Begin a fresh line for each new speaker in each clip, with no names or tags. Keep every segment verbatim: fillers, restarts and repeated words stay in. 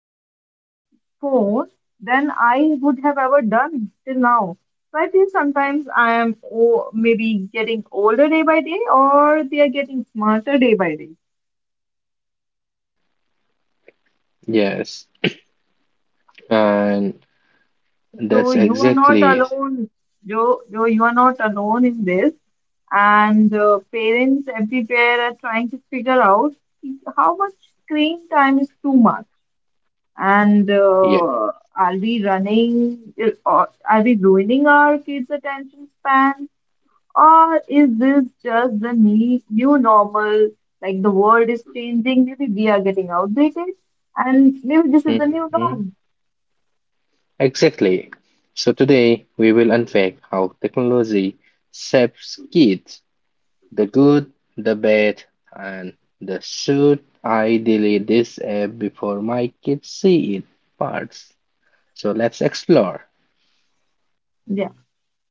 that more than I would have ever done till now. So I feel sometimes I am oh, maybe getting older day by day, or they are getting smarter day by day.
Yes, and
So
That's
you are not
exactly it.
alone, Joe. Joe, you are not alone in this. And uh, parents everywhere are trying to figure out how much screen time is too much, and
Yeah.
uh, are we running? Or are we ruining our kids' attention span? Or is this just the ne- new normal? Like the world is changing, maybe we are getting outdated, and maybe this is the new
Mhm.
norm.
Exactly. So today we will unpack how technology shapes kids, the good, the bad, and the should I delete this app before my kids see it parts. So let's explore.
Yeah.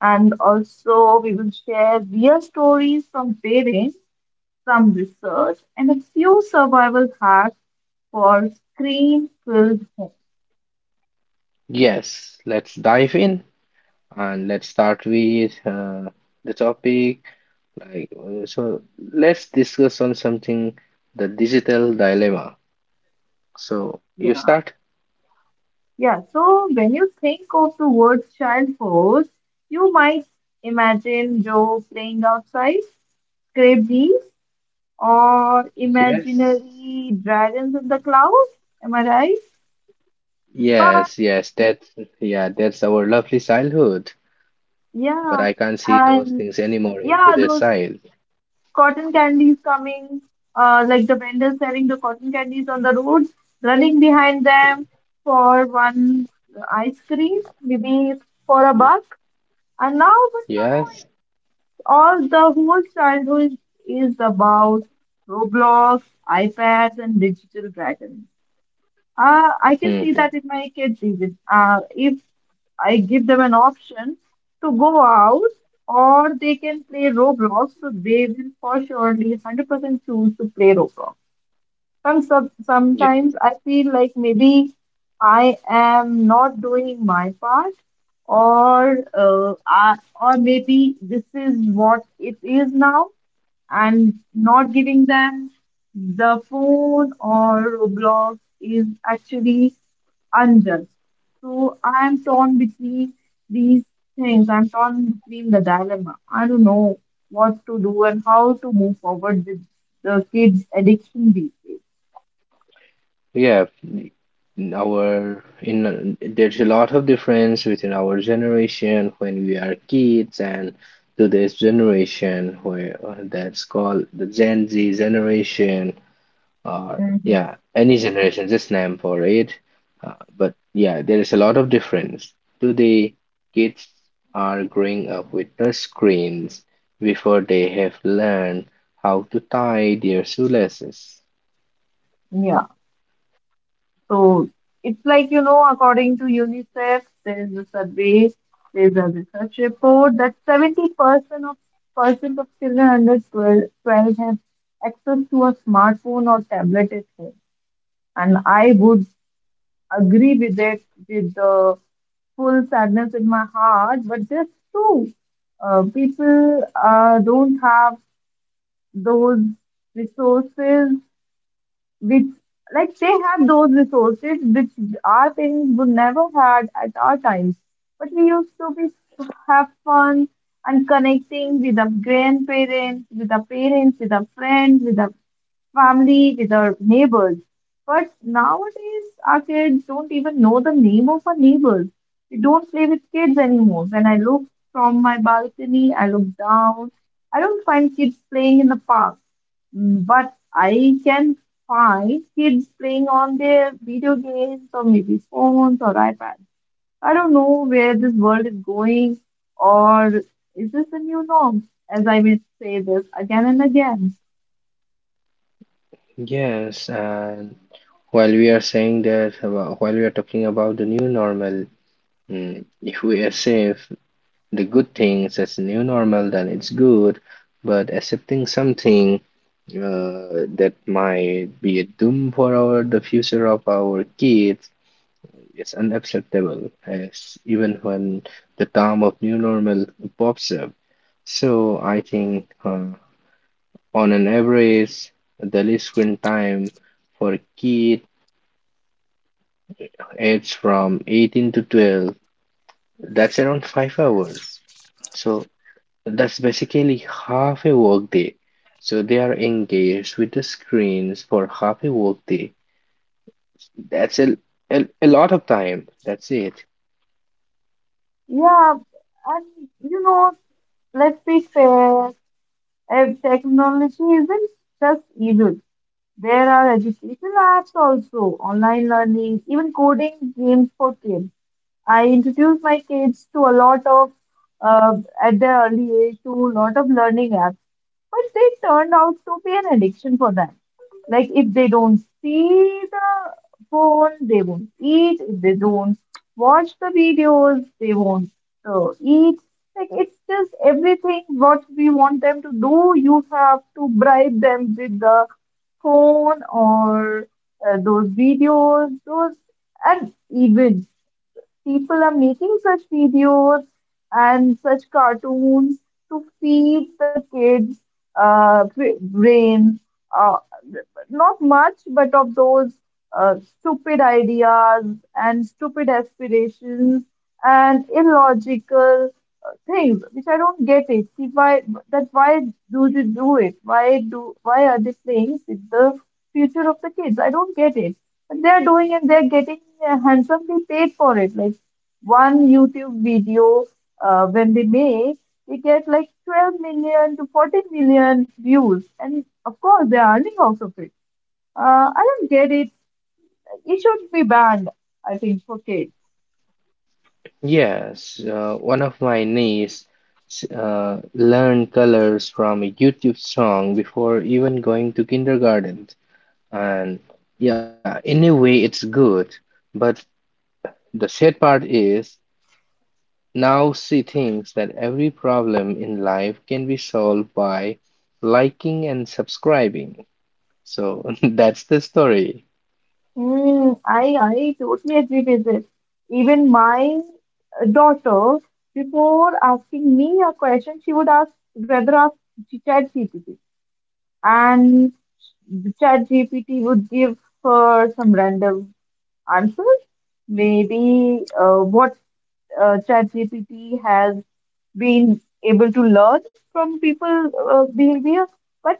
And also, we will share real stories from parents, some research, and a few survival hacks for screen filled homes.
Yes, let's dive in and let's start with uh, the topic. Like, uh, so let's discuss on something the digital dilemma. So
Yeah.
you start.
Yeah. So when you think of the word child force, you might imagine Joe playing outside, scrape these or
Yes,
imaginary dragons in the clouds. Am I right? But
yes, yes. That's yeah, that's our lovely childhood. But
yeah,
I can't see those
and
things anymore in
yeah,
today's
those
child.
cotton candies coming, uh, like the vendors selling the cotton candies on the roads, running behind them for one ice cream, maybe for a buck. And now, but now
Yes.
it's all the whole childhood is about Roblox, iPads, and digital dragons. Uh, I can see
Mm-hmm.
that in my kids even. Uh, if I give them an option to go out or they can play Roblox, so they will for surely one hundred percent choose to play Roblox. Some, some,
Yeah.
sometimes I feel like maybe I am not doing my part or uh, I, or maybe this is what it is now and not giving them the phone or Roblox is actually unjust. So I am torn between these things. I'm torn between the dilemma. I don't know what to do and how to move forward with the kids' addiction these days.
Yeah. In Our in there's a lot of difference within our generation when we are kids and today's generation where uh, that's called the Gen Z generation. Or yeah,
Mm-hmm.
any generation, just name for it. Uh, but yeah, there is a lot of difference. Today, kids are growing up with touch screens before they have learned how to tie their shoelaces.
Yeah. So it's like, you know, according to UNICEF, there's a survey, there's a research report that seventy percent of percent of children under 12, twelve have access to a smartphone or tablet at home. And I would agree with it with the full sadness in my heart, but that's true. Uh, people uh, don't have those resources which like they have those resources which our parents would never had at our times. But we used to be have fun and connecting with our grandparents, with our parents, with our friends, with our family, with our neighbors. But nowadays, our kids don't even know the name of our neighbors. We don't play with kids anymore. When I look from my balcony, I look down. I don't find kids playing in the park. Mm, but I can find kids playing on their video games or maybe phones or iPads. I don't know where this world is going, or is this the new norm? As I will say this again and again.
Yes, and while we are saying that, about, while we are talking about the new normal, mm, if we accept the good things as new normal, then it's good. But accepting something uh, that might be a doom for our the future of our kids is unacceptable as even when the term of new normal pops up. So I think, uh, on an average, the daily screen time for a kid aged from eighteen to twelve, that's around five hours. So that's basically half a workday. So they are engaged with the screens for half a workday. That's a, a, a lot of time. That's it.
Yeah, and you know, let's be fair, eh, technology isn't just evil. There are educational apps also, online learning, even coding games for kids. I introduce my kids to a lot of, uh, at their early age, to a lot of learning apps, but they turned out to be an addiction for them. Like if they don't see the phone, they won't eat. If they don't watch the videos, they won't uh, eat. Like it's just everything what we want them to do. You have to bribe them with the phone or uh, those videos, those and events. People are making such videos and such cartoons to feed the kids' uh, bra- brains. Uh, Not much, but of those uh, stupid ideas and stupid aspirations and illogical uh, things, which I don't get it. See why that why do they do it? Why do why are they playing with the future of the kids? I don't get it they're doing and they're getting uh, handsomely paid for it. Like one YouTube video, uh, when they make, they get like twelve million to fourteen million views, and of course they're earning out of it. Uh, I don't get it. It should be banned, I think, for kids.
Yes, uh, one of my niece uh, learned colors from a YouTube song before even going to kindergarten. And yeah, in a way, it's good. But the sad part is now she thinks that every problem in life can be solved by liking and subscribing. So that's the story.
Mm, I I totally agree with this. Even my uh, daughter, before asking me a question, she would ask rather ask ChatGPT and the chat G P T would give uh, some random answers. Maybe uh, what uh, chat G P T has been able to learn from people uh, behavior, but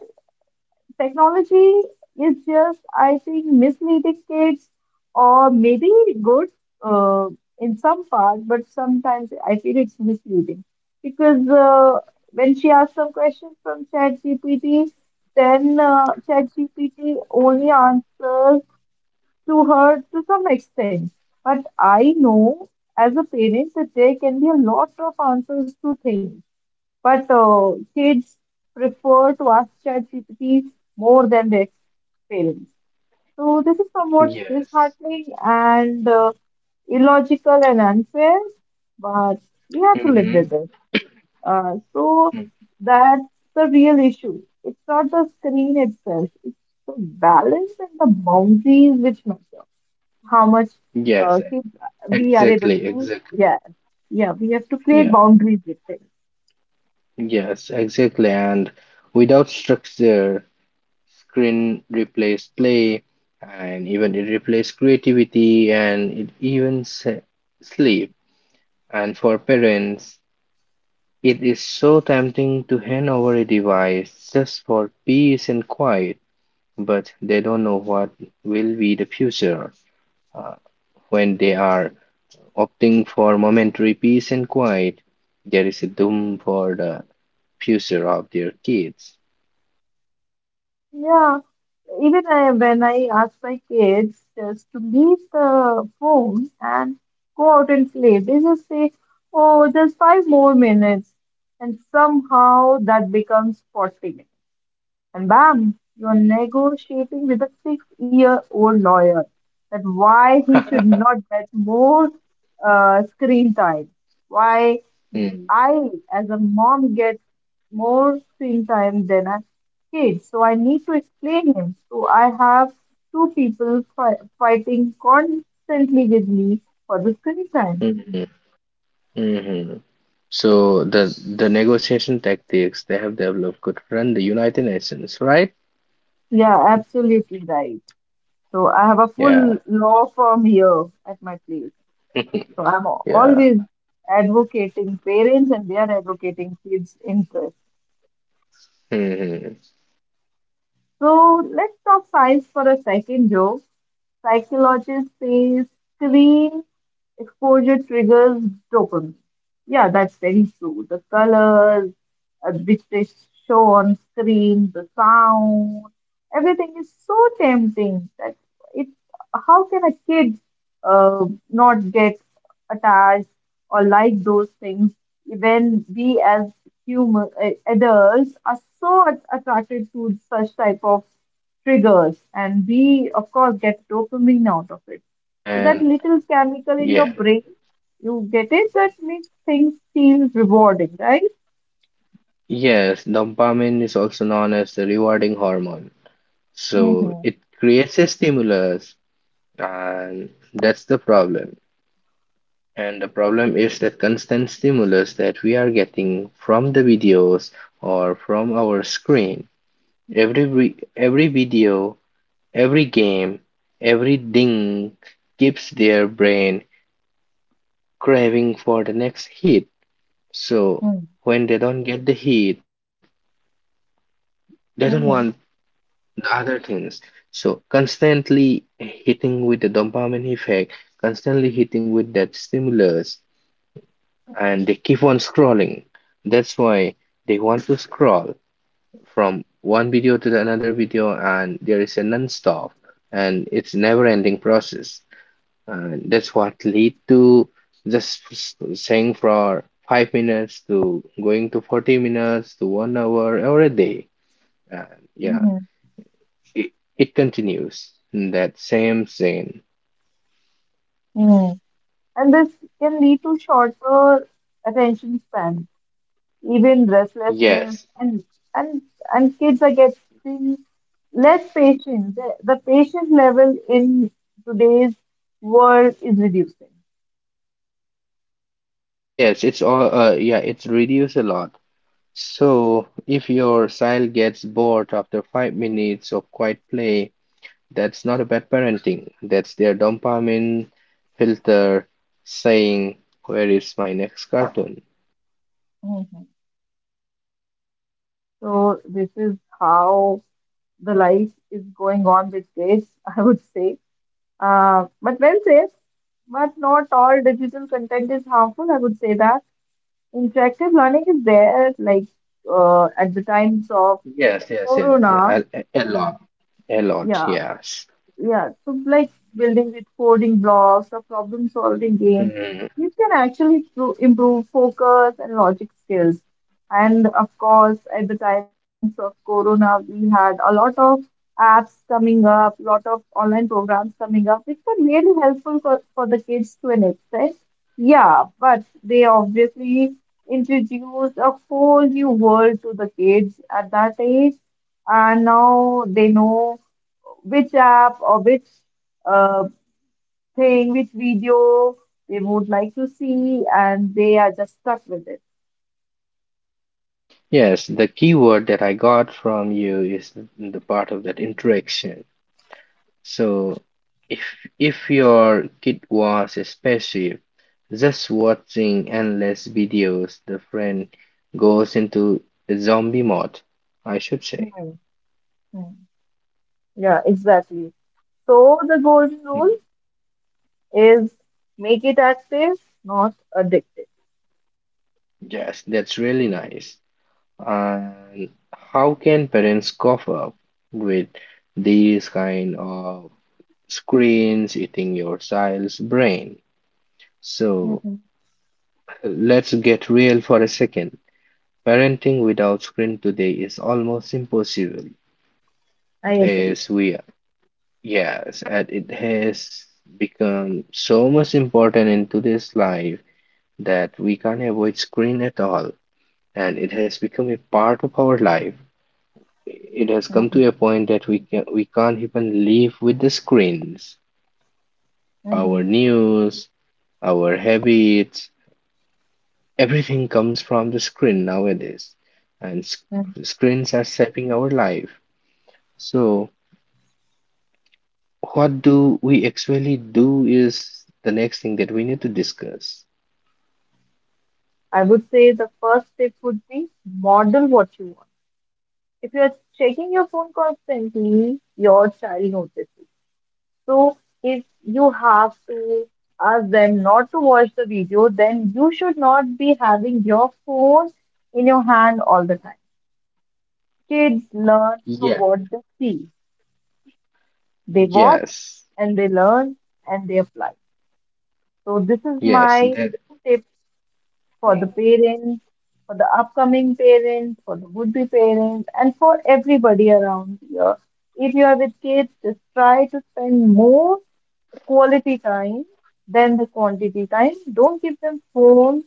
technology is just, I think, misleading kids, or maybe good uh, in some part, but sometimes I feel it's misleading because uh, when she asks some questions from ChatGPT, then uh, ChatGPT only answers to her to some extent. But I know as a parent that there can be a lot of answers to things but uh, kids prefer to ask ChatGPT more than their parents. So this is somewhat
Yes.
disheartening and uh, illogical and unfair, but we have to live
Mm-hmm.
with it. Uh, so that's the real issue. It's not the screen itself, it's the balance and the boundaries which matter. How much
Yes.
uh, kids we are able
Exactly,
to,
exactly.
yeah, yeah, we have to create
Yeah,
boundaries with it.
yes, exactly. And without structure, screen replaced play, and even it replaced creativity, and it even se sleep. And for parents, it is so tempting to hand over a device just for peace and quiet, but they don't know what will be the future uh, when they are opting for momentary peace and quiet. There is a doom for the future of their kids.
Yeah, even I, when I ask my kids just to leave the phone and go out and play, they just say, "Oh, just five more minutes," and somehow that becomes forty minutes. And bam, you're negotiating with a six-year old lawyer that why he should not get more uh, screen time, why
Mm.
I, as a mom, get more screen time than a kid. So I need to explain him. So I have two people fi- fighting constantly with me for the screen time.
Mhm, mhm. So the the negotiation tactics they have developed could run the United Nations, right?
Yeah, absolutely right. So I have a
Yeah,
full law firm here at my place. So I'm
yeah.
always advocating parents and they are advocating kids' interest.
Mhm.
So let's talk science for a second, Joe. Psychologists say screen exposure triggers dopamine. Yeah, that's very true. The colors uh, which they show on screen, the sound, everything is so tempting that it. How can a kid uh, not get attached or like those things when we as human uh, adults are so at- attracted to such type of triggers and we of course get dopamine
Yes,
out of
yes,
it
yes.
so that
And
little chemical in your
yeah,
brain, you get it, that makes things feel rewarding, right?
yes, dopamine is also known as the rewarding hormone. So
Mm-hmm.
it creates a stimulus, and that's the problem. And the problem is that constant stimulus that we are getting from the videos or from our screen. Every every video, every game, every ding keeps their brain craving for the next hit. So
Mm-hmm.
when they don't get the hit, they don't want the other things. So constantly hitting with the dopamine effect, constantly hitting with that stimulus, and they keep on scrolling. That's why they want to scroll from one video to the another video, and there is a non-stop and it's never-ending process. And that's what lead to just saying for five minutes to going to forty minutes to one hour or a day. And yeah,
Mm-hmm.
it, it continues in that same scene.
Mm-hmm. And this can lead to shorter attention span, even restlessness,
Yes,
and and and kids are getting less patient. The, the patient level in today's world is reducing.
yes, it's all, uh, yeah, it's reduced a lot. So, if your child gets bored after five minutes of quiet play, that's not a bad parenting. That's their dopamine filter saying, "Where is my next cartoon?"
Mm-hmm. So this is how the life is going on with kids, I would say. Uh, but well said. But not all digital content is harmful. I would say that interactive learning is there, like uh, at the times of
Yes, yes, yes,
Corona.
yeah, a, a a lot, a lot,
Yeah,
yes.
yeah, so like building with coding blocks or problem solving games,
Mm.
you can actually pro- improve focus and logic skills. And of course, at the times of Corona, we had a lot of apps coming up, lot of online programs coming up, which were really helpful for, for the kids to an extent. Yeah, but they obviously introduced a whole new world to the kids at that age, and now they know which app or which uh, thing, which video they would like to see, and they are just stuck with it.
Yes, the keyword that I got from you is the part of that interaction. So if if your kid was a spaceship, just watching endless videos, the friend goes into zombie mode, I should say.
Hmm, hmm. Yeah, exactly. So the golden
Hmm.
rule is make it active, not addictive.
Yes, that's really nice. And how can parents cope up with these kind of screens eating your child's brain? So
Mhm,
let's get real for a second. Parenting without screen today is almost impossible.
I agree.
Yes, we are. Yes, and it has become so much important in today's life that we can't avoid screen at all, and it has become a part of our life. It has come
Mhm,
to a point that we can we can't even live with the screens. Our
mhm,
news, our habits, everything comes from the screen nowadays, and sc-
mhm.
screens are shaping our life. So What do we actually do is the next thing that we need to discuss.
I would say the first tip would be model what you want. If you're checking your phone constantly, your child notices. So if you have to ask them not to watch the video, then you should not be having your phone in your hand all the time. Kids learn from
Yeah.
what they see. They watch
Yes,
and they learn and they apply. So this is
yes,
my
that.
tip for the parents, for the upcoming parents, for the would be parents, and for everybody around here. If you are with kids, just try to spend more quality time than the quantity time. Don't give them phones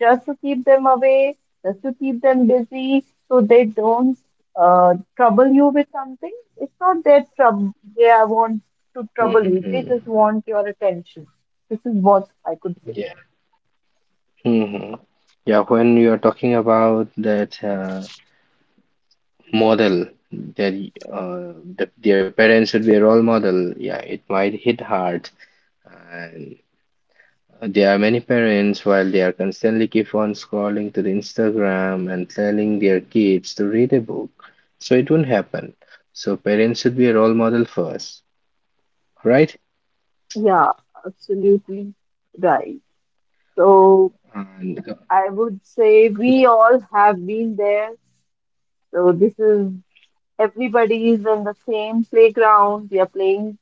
just to keep them away, just to keep them busy, so they don't uh, trouble you with something. It's not their trouble. They are want to trouble you. They
Hmm.
just want your attention. This is what I could say.
Yeah. Hmm. Yeah, when you are talking about that uh, model, that y- uh, the, their parents should be a role model, yeah, it might hit hard. There are many parents while they are constantly keep on scrolling to the Instagram and telling their kids to read a book. So it won't happen. So parents should be a role model first, right?
Yeah, absolutely right. So
And
I would say we all have been there. So this is everybody is in the same playground. We are playing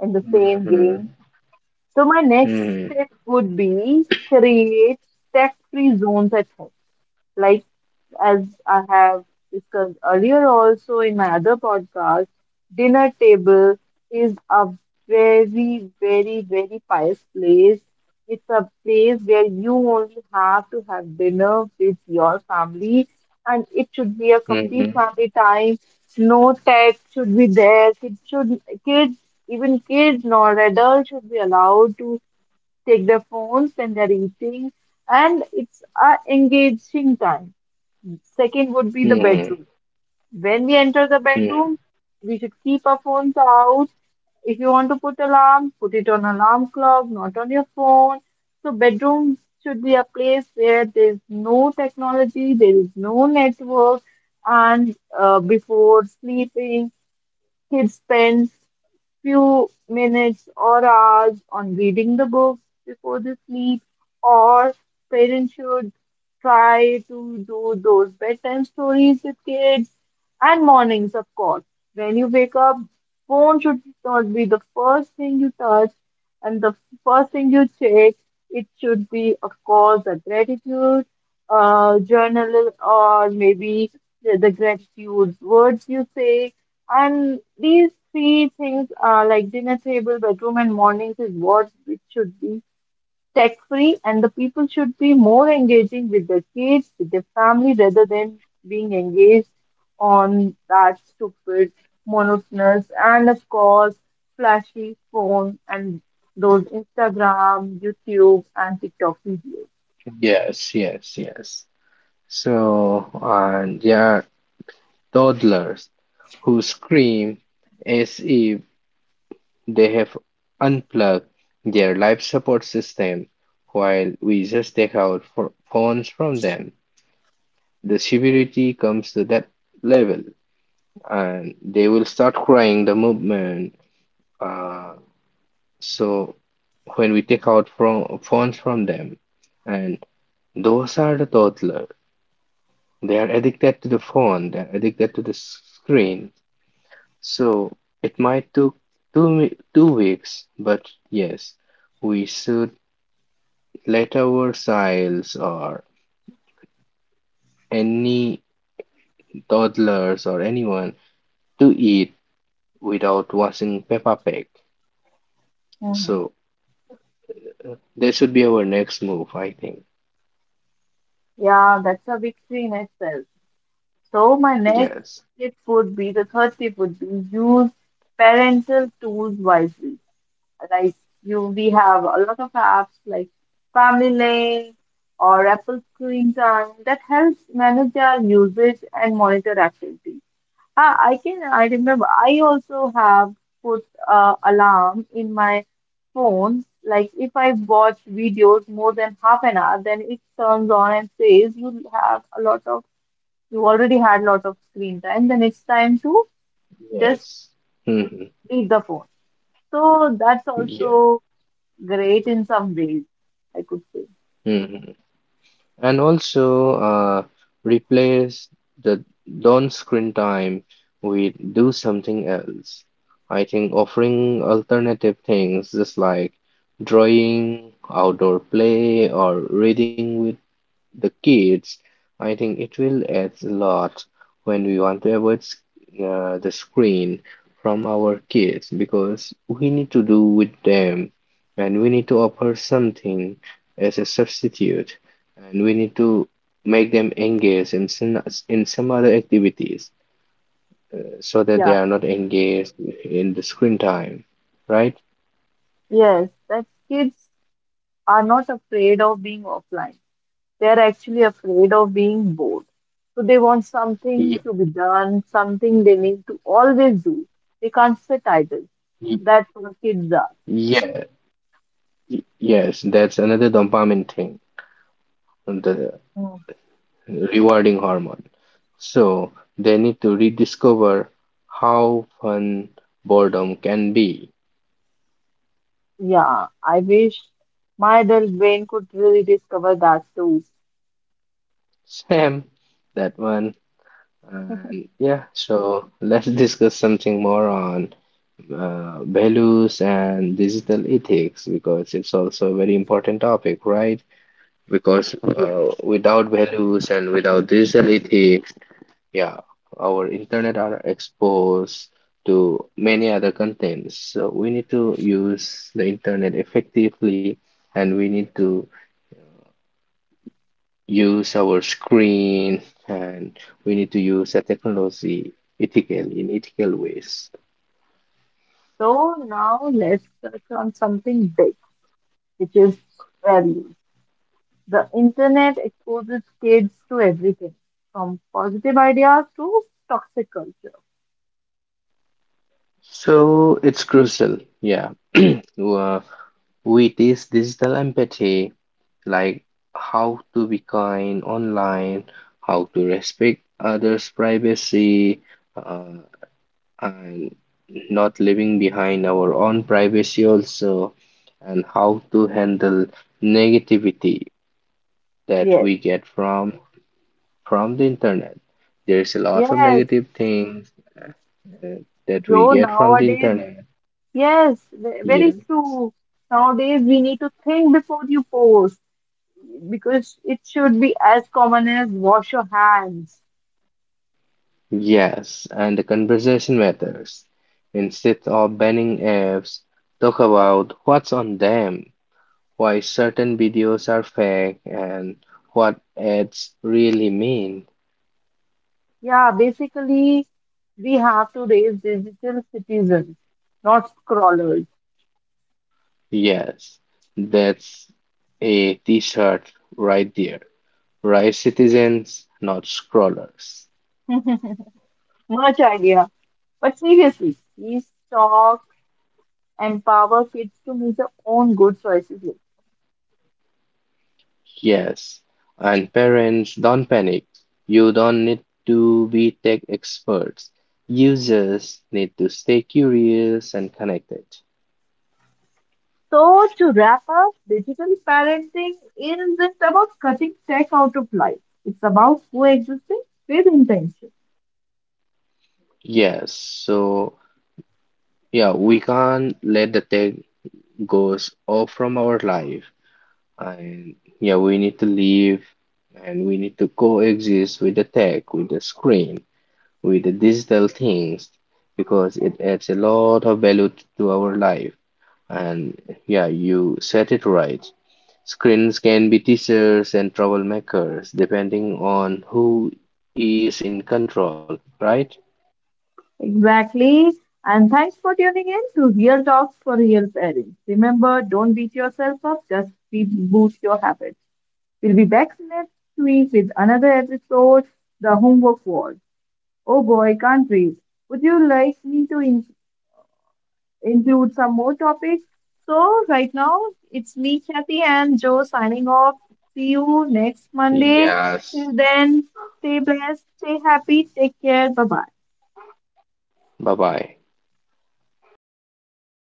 in the same
Mhm,
game. So my next
mhm,
step would be create tech-free zones at home. Like, as I have discussed earlier, also in my other podcast, dinner table is a very, very, very pious place. It's a place where you only have to have dinner with your family, and it should be a complete
mhm,
family time. No tech should be there. Kids should kids, even kids nor adults should be allowed to take their phones when they're eating, and it's a engaging time. Second would be the
mhm,
bedroom. When we enter the
mhm.
bedroom, we should keep our phones out. If you want to put alarm, put it on alarm clock, not on your phone. So bedroom should be a place where there is no technology, there is no network, and uh, before sleeping, kids spend few minutes or hours on reading the books before they sleep, or parents should try to do those bedtime stories with kids and mornings, of course. When you wake up, phone should not be the first thing you touch and the first thing you check. It should be, of course, a gratitude uh, journal or maybe the, the gratitude words you say, and these three things are like dinner table, bedroom, and mornings is what it should be tech free, and the people should be more engaging with their kids, with their family, rather than being engaged on that stupid, monotonous, and of course, flashy phone and those Instagram, YouTube, and TikTok videos.
Yes, yes, yes. So, and there are toddlers who scream as if They have unplugged their life support system while we just take out phones from them. The severity comes to that level, and they will start crying the moment. Uh, so when we take out from phones from them, and those are the toddler. They are addicted to the phone. They're addicted to the screen. So it might took two two weeks, but yes, we should leftovers or any toddlers or anyone to eat without watching Peppa Pig.
Mhm.
So that should be our next move, I think.
Yeah, that's a big screen itself. So my next
Yes,
tip would be the third tip would be use parental tools wisely. Like you, we have a lot of apps like Family Lane or Apple Screen Time that helps manage our usage and monitor activity. Ah, I can I remember I also have put uh, alarm in my phone. Like if I watch videos more than half an hour, then it turns on and says you have a lot of you already had lots of screen time, then it's time to just
yes. Hmm.
leave the phone. So that's
Yeah.
also great in some ways, I could say.
Hmm. And also, uh, replace the don't screen time with do something else. I think offering alternative things, just like drawing, outdoor play, or reading with the kids, I think it will add a lot when we want to avoid s- uh, the screen from our kids because we need to do with them and we need to offer something as a substitute and we need to make them engaged in some, in some other activities so that they
Yeah,
are not engaged in the screen time, right?
yes, that kids are not afraid of being offline. They're actually afraid of being bored. So they want something
Ye-
to be done, something they need to always do. They can't sit idle.
ye-
That's what kids are.
Yeah, y- yes, that's another dopamine thing. The
Mm.
rewarding hormone. So they need to rediscover how fun boredom can be.
Yeah, I wish my adult brain could really discover that too.
Sam, that one. And yeah, so let's discuss something more on uh, values and digital ethics because it's also a very important topic, right? Because uh, without values and without digital ethics, yeah, our internet are exposed to many other contents. So we need to use the internet effectively and we need to use our screen and we need to use the technology ethical in ethical ways.
So now let's touch on something big, which is values. The internet exposes kids to everything, from positive ideas to toxic culture.
So it's crucial. Yeah. Uh, With this digital empathy, like how to be kind online, how to respect others' privacy, uh, and not leaving behind our own privacy also, and how to handle negativity that
Yes,
we get from from the internet. There's a lot of
yes,
negative things uh, that we
Joe,
get from the
nowadays,
internet.
yes, ve-
Yeah,
very true. Nowadays, we need to think before you post because it should be as common as wash your hands.
yes, and the conversation matters. Instead of banning apps, talk about what's on them, why certain videos are fake, and what ads really mean.
Yeah, basically, we have to raise digital citizens, not scrollers.
Yes, that's a t-shirt right there. Rise citizens, not scrollers.
Much idea. But seriously, these talks empower kids to make their own good choices later.
Yes, and parents, don't panic. You don't need to be tech experts. You just need to stay curious and connected.
So, to wrap up, digital parenting isn't about cutting tech out of life, it's about coexisting with intention.
Yes, so yeah, we can't let the tech goes off from our life. And yeah, we need to live and we need to coexist with the tech, with the screen, with the digital things because it adds a lot of value to our life. And yeah, you said it right. Screens can be teachers and troublemakers depending on who is in control, right?
Exactly. And thanks for tuning in to Real Talks for Real Parents. Remember, don't beat yourself up, just reboot your habits. We'll be back next week with another episode, The Homework Wars. Oh boy, countries. Would you like me to in- include some more topics? So, right now, it's me, Kathy, and Joe signing off. See you next Monday.
Yes.
Till then, stay blessed, stay happy, take care. Bye bye.
Bye bye.